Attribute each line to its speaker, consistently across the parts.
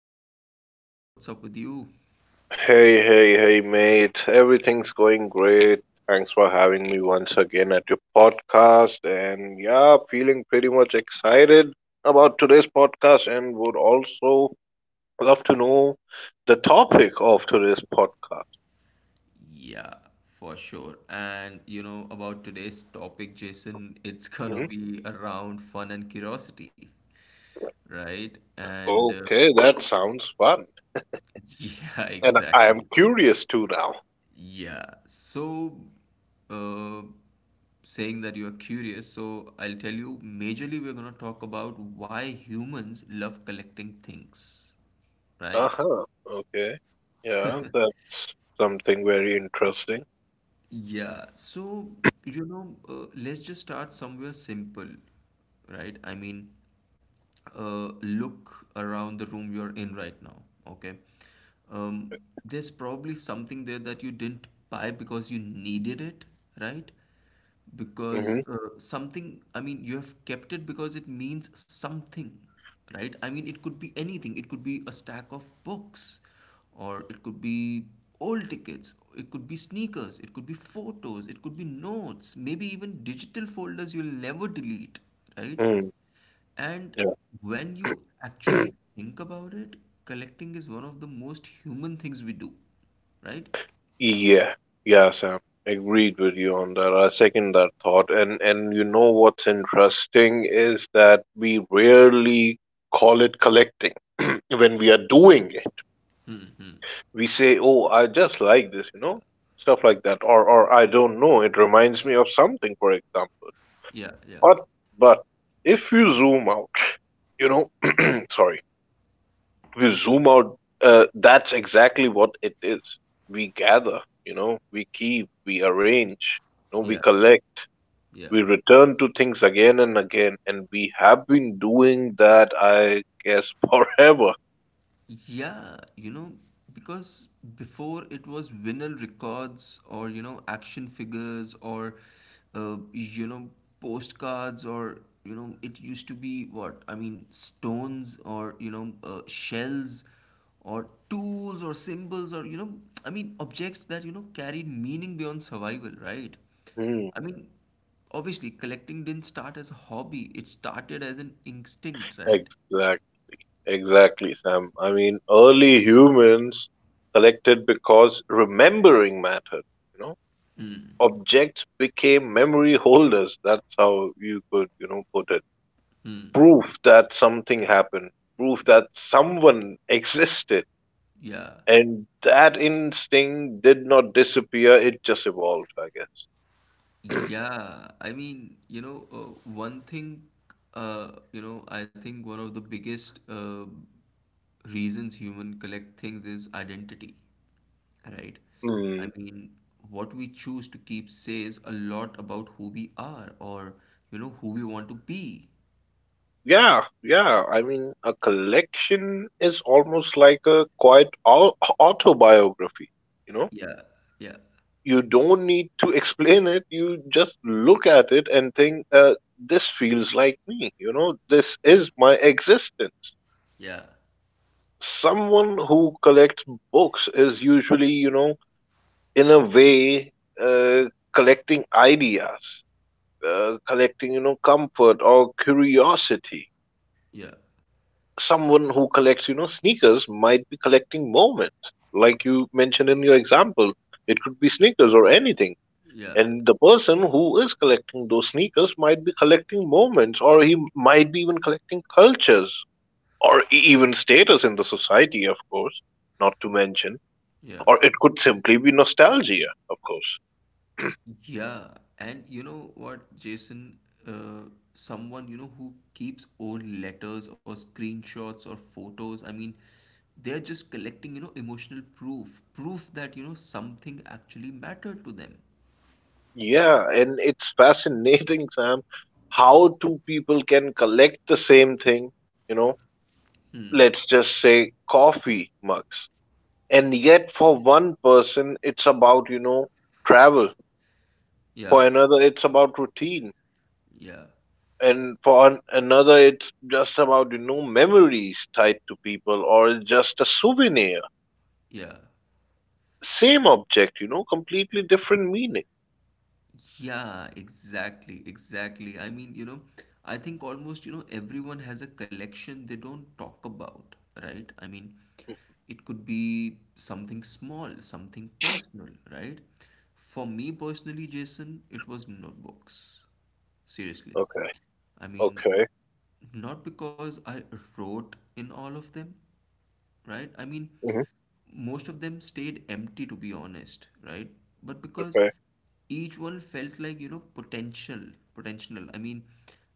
Speaker 1: How's it going, buddy? What's up with you?
Speaker 2: Hey, hey, hey, mate. Everything's going great. Thanks for having me once again at your podcast. And yeah, feeling pretty much excited about today's podcast and would also love to know the topic of today's podcast.
Speaker 1: Yeah, for sure. And you know, about today's topic, Jason, it's gonna
Speaker 2: Mhm.
Speaker 1: be around fun and curiosity, right? And
Speaker 2: Okay, that sounds fun.
Speaker 1: yeah,
Speaker 2: And I am
Speaker 1: exactly.
Speaker 2: curious too now.
Speaker 1: Yeah, so uh, Saying that you are curious, so I'll tell you majorly we're gonna talk about why humans love collecting things,
Speaker 2: Uh
Speaker 1: right?
Speaker 2: huh. Okay. Yeah, that's something very interesting.
Speaker 1: Yeah, so you know, let's just start somewhere simple, right? I mean, look around the room you're in right now, okay? Um, there's probably something there that you didn't buy because you needed it, right? because
Speaker 2: Mm-hmm.
Speaker 1: uh, something, I mean, you have kept it because it means something, right? I mean, it could be anything. It could be a stack of books, or it could be old tickets. It could be sneakers, it could be photos, it could be notes, maybe even digital folders you'll never delete, right?
Speaker 2: Mm,
Speaker 1: And
Speaker 2: yeah.
Speaker 1: when you actually think about it, collecting is one of the most human things we do, right?
Speaker 2: Yeah, yeah, Sam. Agreed with you on that. I second that thought. And you know what's interesting is that we rarely call it collecting when we are doing it. We say, "Oh, I just like this," you know, stuff like that, or I don't know, it reminds me of something, for example.
Speaker 1: yeah yeah
Speaker 2: But but if you zoom out, you know, sorry if you zoom out, that's exactly what it is. We gather, you know, we keep, we arrange, you know, we
Speaker 1: yeah
Speaker 2: collect,
Speaker 1: yeah
Speaker 2: we return to things again and again, and we have been doing that, I guess, forever.
Speaker 1: Yeah, you know, because before it was vinyl records or, you know, action figures or, you know, postcards or, you know, it used to be what? I mean, stones or, you know, shells or tools or symbols or, you know, I mean, objects that, you know, carried meaning beyond survival, right?
Speaker 2: Hmm.
Speaker 1: I mean, obviously, collecting didn't start as a hobby, it started as an instinct, right?
Speaker 2: Exact, exactly, Sam. I mean, early humans collected because remembering mattered, you know. Objects became memory holders. That's how you could, you know, put it. Proof that something happened, proof that someone existed.
Speaker 1: Yeah.
Speaker 2: And that instinct did not disappear, it just evolved, I guess.
Speaker 1: Yeah, I mean, you know, one thing, you know, I think one of the biggest reasons human collect things is identity, right? I
Speaker 2: Mm,
Speaker 1: mean, what we choose to keep says a lot about who we are or, you know, who we want to be.
Speaker 2: yeah, yeah. I mean, a collection is almost like a quiet autobiography, you know?
Speaker 1: Yeah, yeah,
Speaker 2: You don't need to explain it, you just look at it and think, this feels like me, you know? This is my existence.
Speaker 1: yeah,
Speaker 2: Someone who collects books is usually, you know, in a way uh, collecting ideas, collecting, you know, comfort or curiosity.
Speaker 1: yeah,
Speaker 2: Someone who collects, you know, sneakers might be collecting moments like you mentioned in your example. It could be sneakers or anything.
Speaker 1: yeah,
Speaker 2: And the person who is collecting those sneakers might be collecting moments, or he might be even collecting cultures, or even status in the society, of course, not to mention,
Speaker 1: yeah.
Speaker 2: or it could simply be nostalgia, of course.
Speaker 1: Yeah, and you know what, Jason? Someone, you know, who keeps old letters or screenshots or photos, I mean, they're just collecting, you know, emotional proof, proof that, you know, something actually mattered to them.
Speaker 2: Yeah, and it's fascinating, Sam, how two people can collect the same thing, you know,
Speaker 1: Hmm.
Speaker 2: let's just say coffee mugs. And yet, for one person, it's about, you know, travel.
Speaker 1: Yeah,
Speaker 2: For another, it's about routine.
Speaker 1: yeah,
Speaker 2: And for another, it's just about, you know, memories tied to people or just a souvenir.
Speaker 1: yeah.
Speaker 2: Same object, you know, completely different meaning.
Speaker 1: Yeah, exactly, exactly. I mean, you know, I think almost, you know, everyone has a collection they don't talk about, right? I mean, it could be something small, something personal, right? For me personally, Jason, it was notebooks. Seriously.
Speaker 2: Okay.
Speaker 1: I mean,
Speaker 2: Okay.
Speaker 1: not because I wrote in all of them, right? I mean,
Speaker 2: Hmm.
Speaker 1: most of them stayed empty, to be honest, right? But because
Speaker 2: Okay.
Speaker 1: each one felt like, you know, potential, potential. I mean,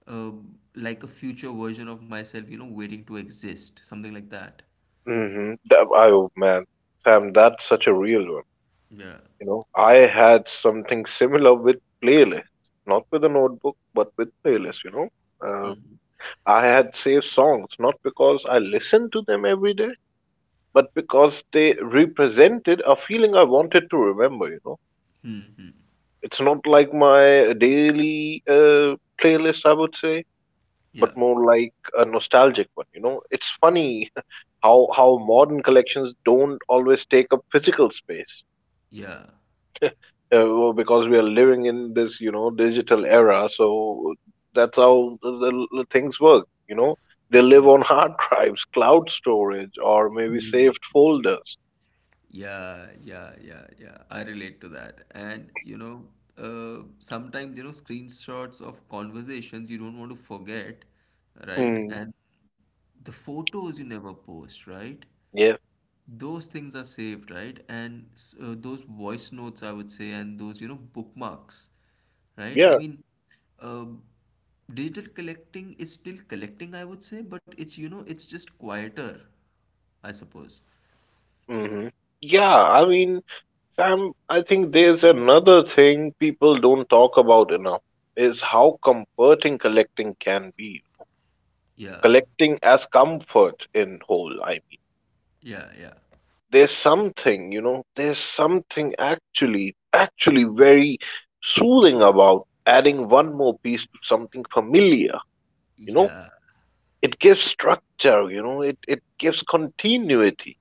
Speaker 1: uh, like a future version of myself, you know, waiting to exist, something like that.
Speaker 2: Hmm. That, oh man, Sam, that's such a real one.
Speaker 1: Yeah.
Speaker 2: You know, I had something similar with playlists, not with a notebook, but with playlists. You know, uh,
Speaker 1: Mm.
Speaker 2: I had saved songs not because I listened to them every day, but because they represented a feeling I wanted to remember. You know, it's not like my daily playlist, I would say, but
Speaker 1: Yeah.
Speaker 2: more like a nostalgic one, you know? It's funny how modern collections don't always take up physical space, well, because we are living in this, you know, digital era, so that's how the things work, you know? They live
Speaker 1: Yeah.
Speaker 2: on hard drives, cloud storage, or maybe saved folders.
Speaker 1: Yeah, yeah, yeah, yeah. I relate to that. And you know, sometimes, you know, screenshots of conversations you don't want to forget, right?
Speaker 2: Mm,
Speaker 1: And the photos you never post, right?
Speaker 2: yeah,
Speaker 1: Those things are saved, right? And those voice notes, I would say, and those, you know, bookmarks, right? I
Speaker 2: yeah.
Speaker 1: mean, uh, digital collecting is still collecting, I would say, but it's, you know, it's just quieter, I suppose.
Speaker 2: Hmm. Yeah, I mean, Sam, I think there's another thing people don't talk about enough is how comforting collecting can be.
Speaker 1: Yeah,
Speaker 2: Collecting as comfort in whole, I mean,
Speaker 1: yeah, yeah.
Speaker 2: there's something, you know, there's something actually very soothing about adding one more piece to something familiar, you know.
Speaker 1: Yeah,
Speaker 2: It gives structure, you know, it gives continuity.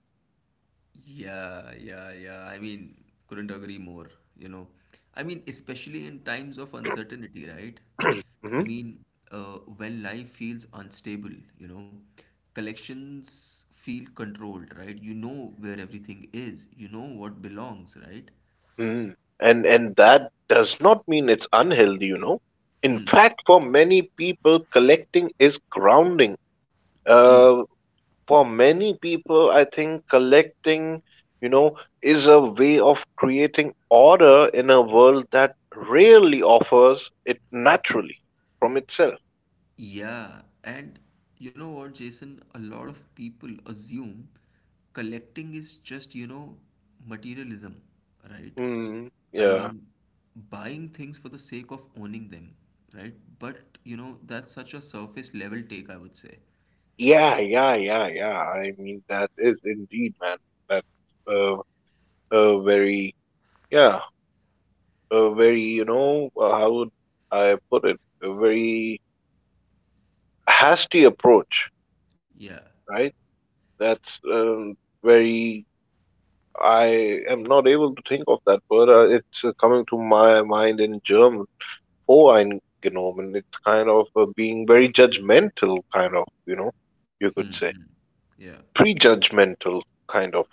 Speaker 1: yeah, yeah, yeah. I mean, couldn't agree more, you know. I mean, especially in times of uncertainty, right? I
Speaker 2: Mhm.
Speaker 1: mean, when life feels unstable, you know, collections feel controlled, right? You know where everything is, you know what belongs, right?
Speaker 2: Mm. And that does not mean it's unhealthy, you know. In
Speaker 1: Hmm.
Speaker 2: fact, for many people collecting is grounding. uh, for many people, I think collecting, you know, is a way of creating order in a world that rarely offers it naturally from itself.
Speaker 1: Yeah, and you know what, Jason? A lot of people assume collecting is just, you know, materialism, right?
Speaker 2: Mm,
Speaker 1: I
Speaker 2: yeah.
Speaker 1: mean, buying things for the sake of owning them, right? But, you know, that's such a surface level take, I would say.
Speaker 2: Yeah, yeah, yeah, yeah. I mean, that is indeed, man. That's uh, a very, yeah, a very, you know, how would I put it? A very hasty approach,
Speaker 1: Yeah.
Speaker 2: right? That's very, I am not able to think of that word. It's coming to my mind in German, voreingenommen. It's kind of being very judgmental, kind of, you know, you
Speaker 1: Hmm.
Speaker 2: could
Speaker 1: Hmm.
Speaker 2: say
Speaker 1: Yeah.
Speaker 2: prejudgmental kind of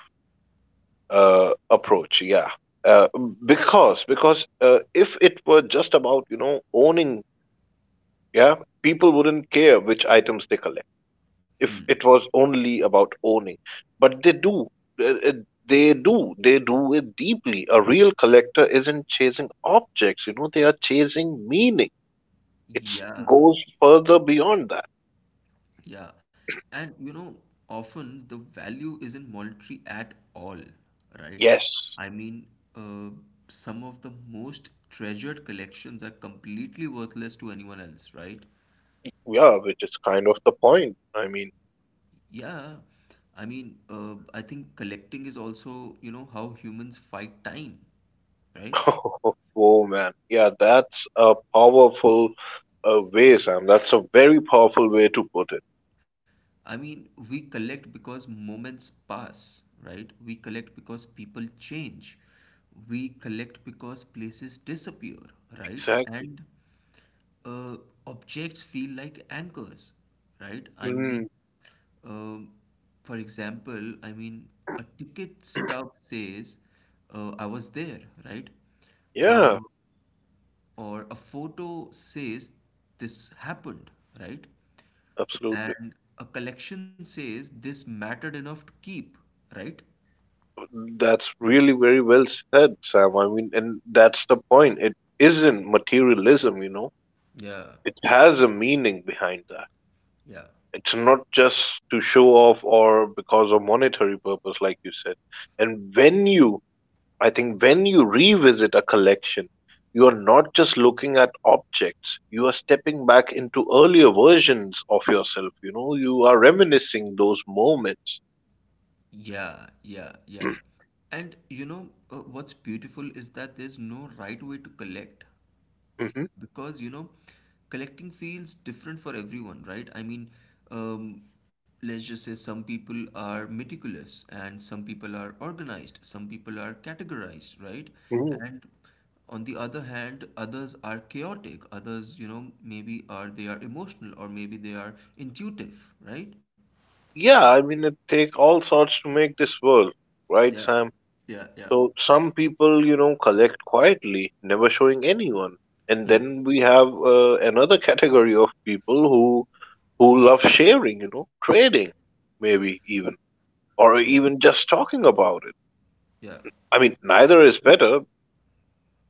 Speaker 2: approach. Yeah, uh, because if it were just about, you know, owning, yeah, people wouldn't care which items they collect. If
Speaker 1: Hmm.
Speaker 2: it was only about owning, but they do, uh, uh, they do it deeply. A real collector isn't chasing objects, you know, they are chasing meaning. It
Speaker 1: Yeah.
Speaker 2: goes further beyond that.
Speaker 1: Yeah, and you know, often the value isn't monetary at all, right?
Speaker 2: Yes.
Speaker 1: I mean, uh, some of the most treasured collections are completely worthless to anyone else, right?
Speaker 2: Yeah, which is kind of the point, I mean.
Speaker 1: Yeah, I mean, I think collecting is also, you know, how humans fight time, right?
Speaker 2: Oh man, yeah, that's a powerful way, Sam. That's a very powerful way to put it.
Speaker 1: I mean, we collect because moments pass, right? We collect because people change. We collect because places disappear, right?
Speaker 2: Exactly.
Speaker 1: And uh, objects feel like anchors, right? I mean,
Speaker 2: Mm,
Speaker 1: um, for example, I mean, a ticket stub says, I was there, right?
Speaker 2: yeah.
Speaker 1: Uh, or a photo says this happened, right?
Speaker 2: Absolutely.
Speaker 1: And a collection says this mattered enough to keep, right?
Speaker 2: That's really very well said, Sam. I mean, and that's the point. It isn't materialism, you know.
Speaker 1: Yeah,
Speaker 2: It has a meaning behind that.
Speaker 1: yeah.
Speaker 2: It's not just to show off or because of monetary purpose, like you said. And when you, I think, when you revisit a collection, you are not just looking at objects, you are stepping back into earlier versions of yourself, you know. You are reminiscing those moments.
Speaker 1: Yeah, yeah, yeah. And you know, what's beautiful is that there's no right way to collect,
Speaker 2: Mhm.
Speaker 1: because you know collecting feels different for everyone, right? I mean, um, let's just say some people are meticulous and some people are organized, some people are categorized, right? And on the other hand, others are chaotic, others, you know, maybe are, they are emotional, or maybe they are intuitive, right?
Speaker 2: Yeah, I mean, it take all sorts to make this work, right,
Speaker 1: yeah
Speaker 2: Sam?
Speaker 1: yeah yeah
Speaker 2: So some people, you know, collect quietly, never showing anyone. And
Speaker 1: Hmm.
Speaker 2: then we have another category of people who love sharing, you know, trading, maybe even,
Speaker 1: yeah
Speaker 2: or even just talking about it.
Speaker 1: yeah.
Speaker 2: I mean, neither is better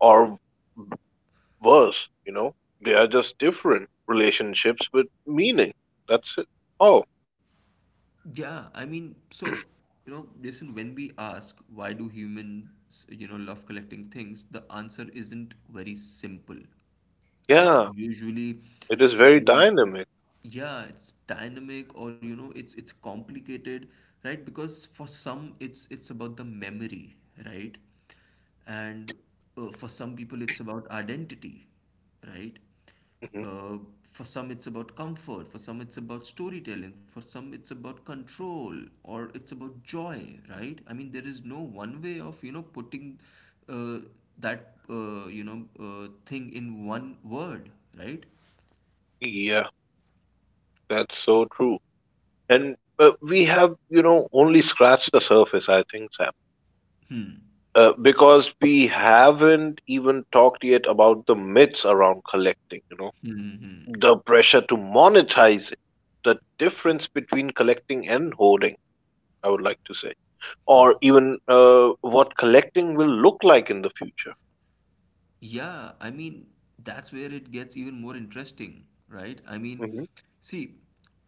Speaker 2: or worse, you know. They are just different relationships with meaning. That's it. Oh,
Speaker 1: Yeah, I mean, so, you know, Jason, when we ask why do humans, you know, love collecting things, the answer isn't very simple, right?
Speaker 2: yeah,
Speaker 1: Usually,
Speaker 2: it is very
Speaker 1: I mean,
Speaker 2: dynamic.
Speaker 1: yeah, it's dynamic or, you know, it's complicated, right? Because for some it's about the memory, right? And for some people it's about identity, right? uh, for some it's about comfort, for some it's about storytelling, for some it's about control, or it's about joy, right? I mean, there is no one way of, you know, putting uh, that you know thing in one word, right?
Speaker 2: Hmm. That's so true. And we have, you know, only scratched the surface, I think, Sam,
Speaker 1: Hmm.
Speaker 2: because we haven't even talked yet about the myths around collecting, you know,
Speaker 1: Hmm. Hmm. Hmm.
Speaker 2: the pressure to monetize it, the difference between collecting and hoarding, I would like to say,
Speaker 1: Hmm.
Speaker 2: or even what collecting will look like in the future.
Speaker 1: Yeah, I mean, that's where it gets even more interesting, right? I mean,
Speaker 2: Hmm.
Speaker 1: see,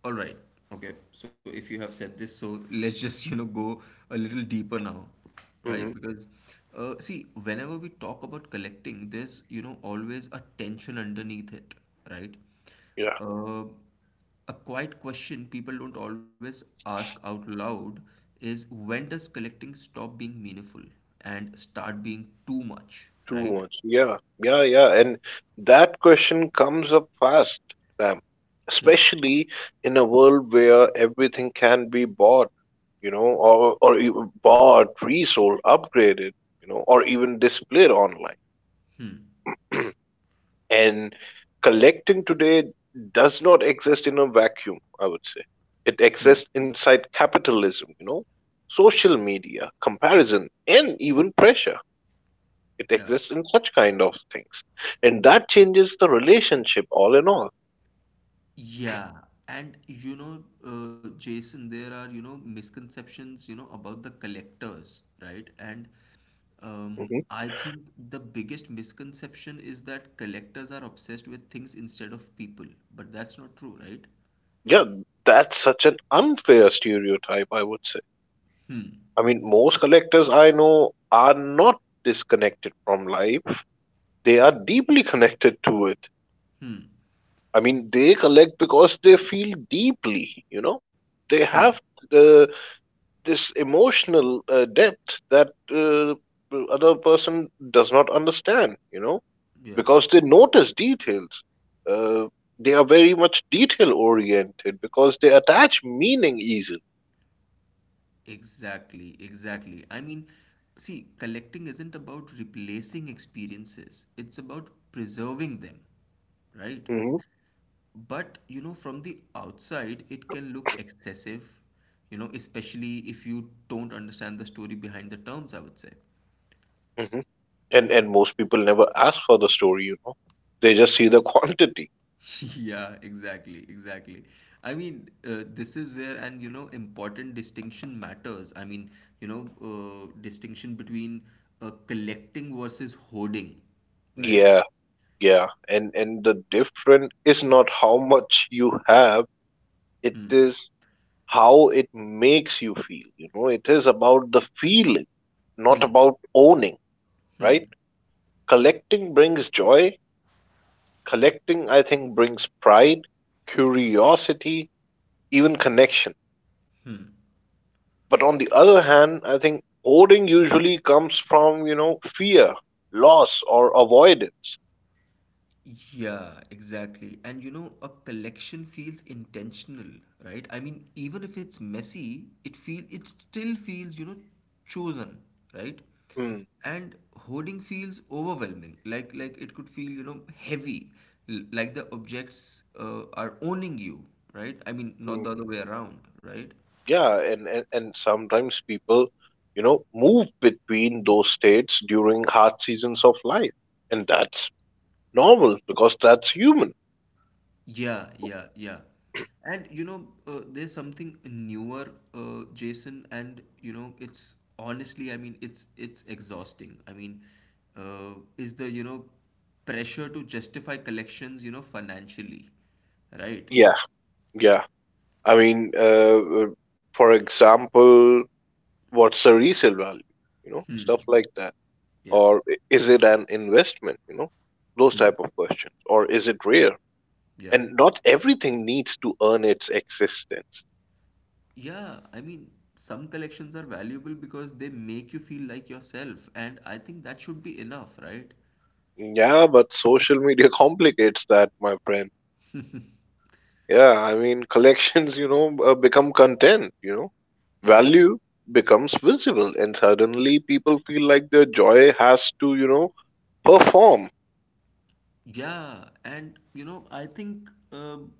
Speaker 1: all right, okay, so if you have said this, so let's just, you know, go a little deeper now,
Speaker 2: Hmm.
Speaker 1: right? Because, see, whenever we talk about collecting, there's, you know, always a tension underneath it, right?
Speaker 2: Yeah.
Speaker 1: Uh, a quiet question people don't always ask out loud is when does collecting stop being meaningful and start being too much,
Speaker 2: Too
Speaker 1: right?
Speaker 2: much. Yeah, yeah, yeah. And that question comes up fast, Sam.
Speaker 1: Hmm.
Speaker 2: Especially in a world where everything can be bought, you know, or even bought, resold, upgraded, you know, or even displayed online. And collecting today does not exist in a vacuum, I would say. It
Speaker 1: Hmm.
Speaker 2: exists inside capitalism, you know, social media, comparison, and even pressure. It
Speaker 1: Yeah.
Speaker 2: exists in such kind of things, and
Speaker 1: Yeah.
Speaker 2: that changes the relationship all in all.
Speaker 1: Yeah. And you know, Jason, there are, you know, misconceptions, you know, about the collectors, right? And
Speaker 2: Hmm.
Speaker 1: I think the biggest misconception is that collectors are obsessed with things instead of people, but that's not true, right?
Speaker 2: Yeah, that's such an unfair stereotype, I would say.
Speaker 1: Hmm.
Speaker 2: I mean, most collectors I know are not disconnected from life, they are deeply connected to it.
Speaker 1: Hmm.
Speaker 2: I mean, they collect because they feel deeply, you know, they
Speaker 1: Hmm.
Speaker 2: have uh, this emotional depth that other person does not understand, you know,
Speaker 1: Yeah.
Speaker 2: because they notice details. Uh, they are very much detail oriented because they attach meaning easily.
Speaker 1: Exactly, exactly. I mean, see, collecting isn't about replacing experiences, it's about preserving them, right?
Speaker 2: Hmm.
Speaker 1: But you know, from the outside, it can look excessive, you know, especially if you don't understand the story behind the terms, I would say.
Speaker 2: Hmm. And most people never ask for the story, you know. They just see the quantity.
Speaker 1: Yeah, exactly, exactly. I mean, this is where an, you know, important distinction matters. I mean, you know, distinction between collecting versus hoarding, right?
Speaker 2: Yeah, yeah. And the difference is not how much you have, it
Speaker 1: Hmm.
Speaker 2: is how it makes you feel. You know, it is about the feeling, not
Speaker 1: Hmm.
Speaker 2: about owning, right? Collecting brings joy. Collecting, I think, brings pride, curiosity, even connection. But on the other hand, I think hoarding usually comes from, you know, fear, loss, or avoidance.
Speaker 1: Yeah, exactly. And you know, a collection feels intentional, right? I mean, even if it's messy, it still feels, you know, chosen, right?
Speaker 2: Mm,
Speaker 1: And hoarding feels overwhelming. Like it could feel, you know, heavy, like the objects are owning you, right? I mean,
Speaker 2: hmm,
Speaker 1: not the
Speaker 2: mm-hmm.
Speaker 1: other way around, right?
Speaker 2: Yeah, and sometimes people, you know, move between those states during hard seasons of life. And that's normal because that's human.
Speaker 1: Yeah, yeah, yeah. And you know, there's something newer, Jason, and you know, it's honestly, I mean, it's exhausting. I mean, is the, you know, pressure to justify collections, you know, financially, right?
Speaker 2: Yeah, yeah. I mean, for example, what's the resale value, you know,
Speaker 1: Hmm.
Speaker 2: stuff like that,
Speaker 1: Yeah.
Speaker 2: or is it an investment, you know, those
Speaker 1: Hmm.
Speaker 2: type of questions, or is it rare?
Speaker 1: Yeah.
Speaker 2: And not everything needs to earn its existence.
Speaker 1: Yeah, I mean, some collections are valuable because they make you feel like yourself, and I think that should be enough, right?
Speaker 2: Yeah, but social media complicates that, my friend. Yeah, I mean, collections, you know, become content, you know.
Speaker 1: Yeah.
Speaker 2: Value becomes visible and suddenly people feel like their joy has to, you know, perform.
Speaker 1: Yeah, and you know, I think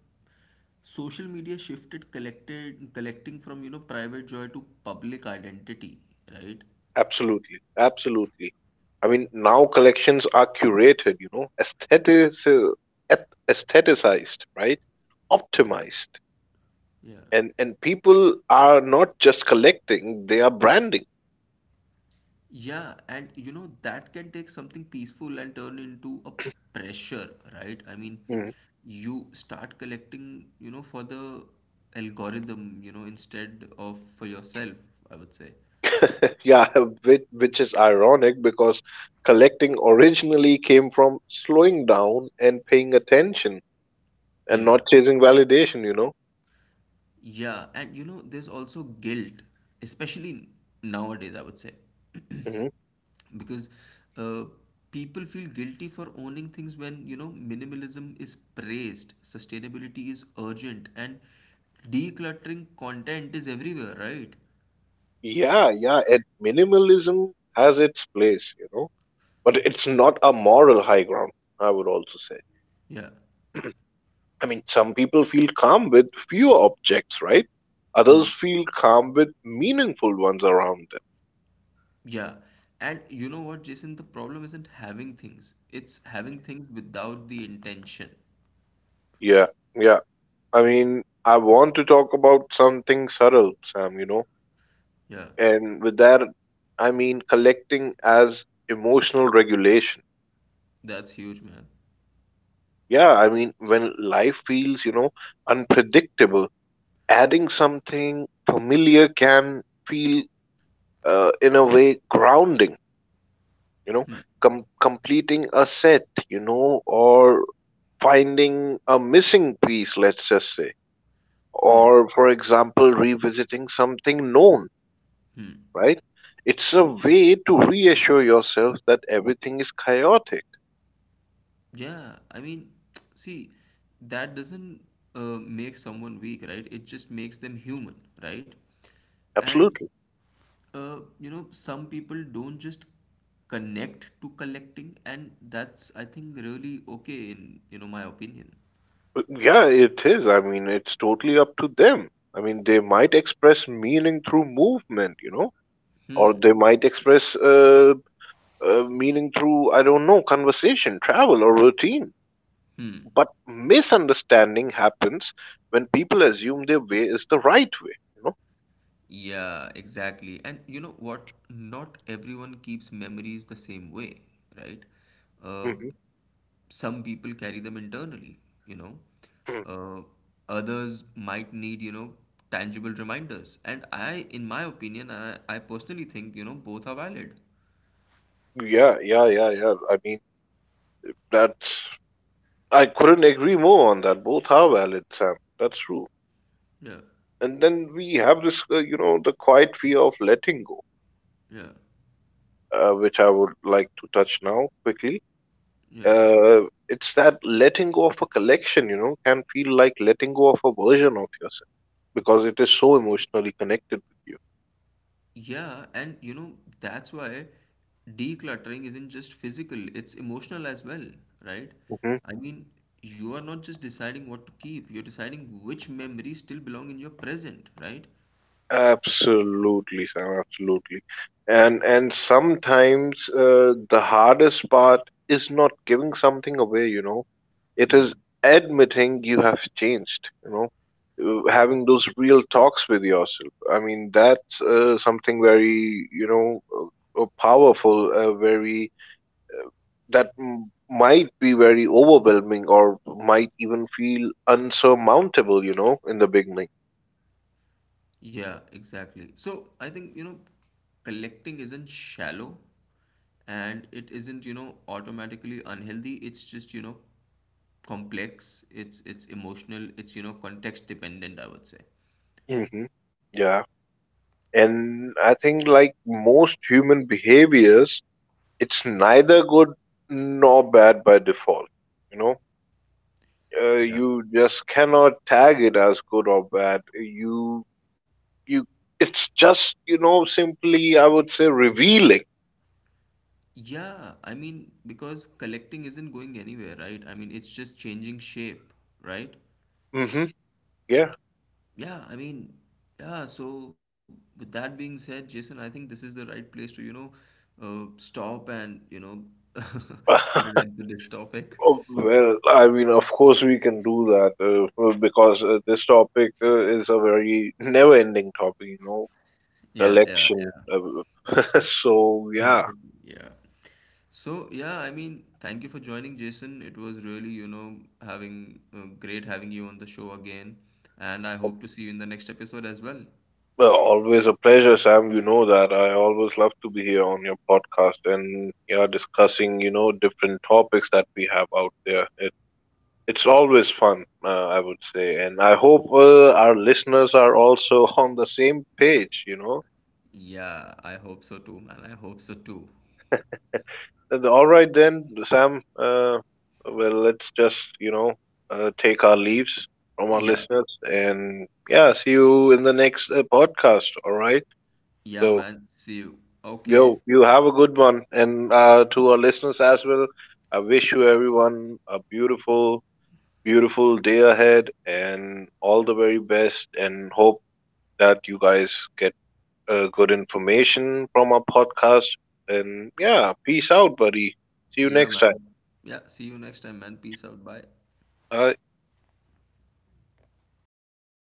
Speaker 1: social media shifted collected collecting from, you know, private joy to public identity, right?
Speaker 2: Absolutely, absolutely. I mean, now collections are curated, you know, aesthetic, aestheticized, right?
Speaker 1: Yeah,
Speaker 2: Optimized,
Speaker 1: yeah,
Speaker 2: and people are not just collecting; they are branding.
Speaker 1: yeah, and you know that can take something peaceful and turn into a pressure, right? I mean,
Speaker 2: Mm.
Speaker 1: you start collecting, you know, for the algorithm, you know, instead of for yourself, I would say.
Speaker 2: Yeah, which is ironic because collecting originally came from slowing down and paying attention and
Speaker 1: Yeah.
Speaker 2: not chasing validation. You know.
Speaker 1: Yeah, and you know, there's also guilt, especially nowadays, I would say.
Speaker 2: Hmm.
Speaker 1: Because uh, people feel guilty for owning things when, you know, minimalism is praised, sustainability is urgent, and decluttering content is everywhere, right?
Speaker 2: Yeah, yeah. And minimalism has its place, you know. But it's not a moral high ground, I would also say.
Speaker 1: Yeah.
Speaker 2: I mean, some people feel calm with fewer objects, right?
Speaker 1: Hmm.
Speaker 2: Others feel calm with meaningful ones around them.
Speaker 1: Yeah. And you know what, Jason, the problem isn't having things, it's having things without the intention.
Speaker 2: Yeah, yeah. I mean, I want to talk about something subtle, Sam, you know,
Speaker 1: Yeah.
Speaker 2: and with that, I mean collecting as emotional regulation.
Speaker 1: That's huge, man.
Speaker 2: Yeah, I mean, when life feels, you know, unpredictable, adding something familiar can feel, in a way, grounding, you know,
Speaker 1: Hmm.
Speaker 2: completing a set, you know, or finding a missing piece, let's just say,
Speaker 1: Hmm.
Speaker 2: or for example revisiting something known,
Speaker 1: Hmm.
Speaker 2: right. It's a way to reassure yourself that everything is chaotic.
Speaker 1: Yeah, I mean, see, that doesn't make someone weak, right? It just makes them human, right? And
Speaker 2: Absolutely.
Speaker 1: you know, some people don't just connect to collecting, and that's, I think, really okay in, you know, my opinion.
Speaker 2: Uh, yeah, it is, I mean, it's totally up to them. I mean, they might express meaning through movement, you know, or
Speaker 1: Hmm.
Speaker 2: they might express uh, meaning through, I don't know, conversation, travel, or routine.
Speaker 1: Hmm.
Speaker 2: But misunderstanding happens when people assume their way is the right way, you know?
Speaker 1: Yeah, exactly. And you know what? Not everyone keeps memories the same way, right? Uh,
Speaker 2: Mm-hmm.
Speaker 1: some people carry them internally, you know.
Speaker 2: Hmm.
Speaker 1: Uh, Others might need, you know, tangible reminders. And I, in my opinion, I personally think, you know, both are valid.
Speaker 2: Yeah, yeah, yeah, yeah. I mean, that's, I couldn't agree more on that. Both are valid, Sam. That's true.
Speaker 1: Yeah,
Speaker 2: And then we have this, you know, the quiet fear of letting go,
Speaker 1: yeah,
Speaker 2: which I would like to touch now quickly.
Speaker 1: yeah.
Speaker 2: Uh, it's that letting go of a collection, you know, can feel like letting go of a version of yourself because it is so emotionally connected with you.
Speaker 1: Yeah, and you know, that's why decluttering isn't just physical, it's emotional as well, right?
Speaker 2: Mm-hmm.
Speaker 1: I mean, you are not just deciding what to keep, you're deciding which memories still belong in your present, right?
Speaker 2: Absolutely, Sam, absolutely. And sometimes the hardest part is not giving something away, you know. It
Speaker 1: Hmm.
Speaker 2: is admitting you have changed, you know. Having those real talks with yourself. I mean, that's something very, you know, powerful, very, that m might be very overwhelming or might even feel unsurmountable, you know, in the beginning.
Speaker 1: Yeah, exactly. So I think, you know, collecting isn't shallow and it isn't, you know, automatically unhealthy. It's just, you know, complex, it's emotional, it's, you know, context dependent, I would say.
Speaker 2: Hmm. Yeah, and I think, like most human behaviors, it's neither good nor bad by default. You know,
Speaker 1: Yeah.
Speaker 2: you just cannot tag it as good or bad. You, it's just, you know, simply, I would say, revealing.
Speaker 1: Yeah, I mean, because collecting isn't going anywhere, right? I mean, it's just changing shape, right?
Speaker 2: Hmm. Yeah.
Speaker 1: Yeah, I mean, yeah, so with that being said, Jason, I think this is the right place to, you know, stop and, you know, put an end to this topic.
Speaker 2: Oh, well, I mean, of course, we can do that, well, because this topic is a very never-ending topic, you know,
Speaker 1: Yeah, yeah, yeah.
Speaker 2: selection. Uh, so, yeah.
Speaker 1: Perfect. Yeah. So, yeah, I mean, thank you for joining, Jason. It was really, you know, having great having you on the show again. And I hope to see you in the next episode as well.
Speaker 2: Well, always a pleasure, Sam. You know that. I always love to be here on your podcast and yeah, discussing, you know, different topics that we have out there. It's always fun, I would say. And I hope our listeners are also on the same page, you know.
Speaker 1: Yeah, I hope so too, man. I hope so too.
Speaker 2: And all right then, Sam. Well, let's just, you know, take our leaves from our
Speaker 1: Yeah.
Speaker 2: listeners and yeah, see you in the next podcast, all right?
Speaker 1: Yeah,
Speaker 2: So,
Speaker 1: man. See you. Okay.
Speaker 2: yo, you have a good one. And to our listeners as well, I wish you everyone a beautiful, beautiful day ahead and all the very best. And hope that you guys get good information from our podcast. And yeah, peace out, buddy. See you
Speaker 1: Yeah,
Speaker 2: next time.
Speaker 1: man. Yeah, see you next time, man. Peace out. Bye.
Speaker 2: Bye.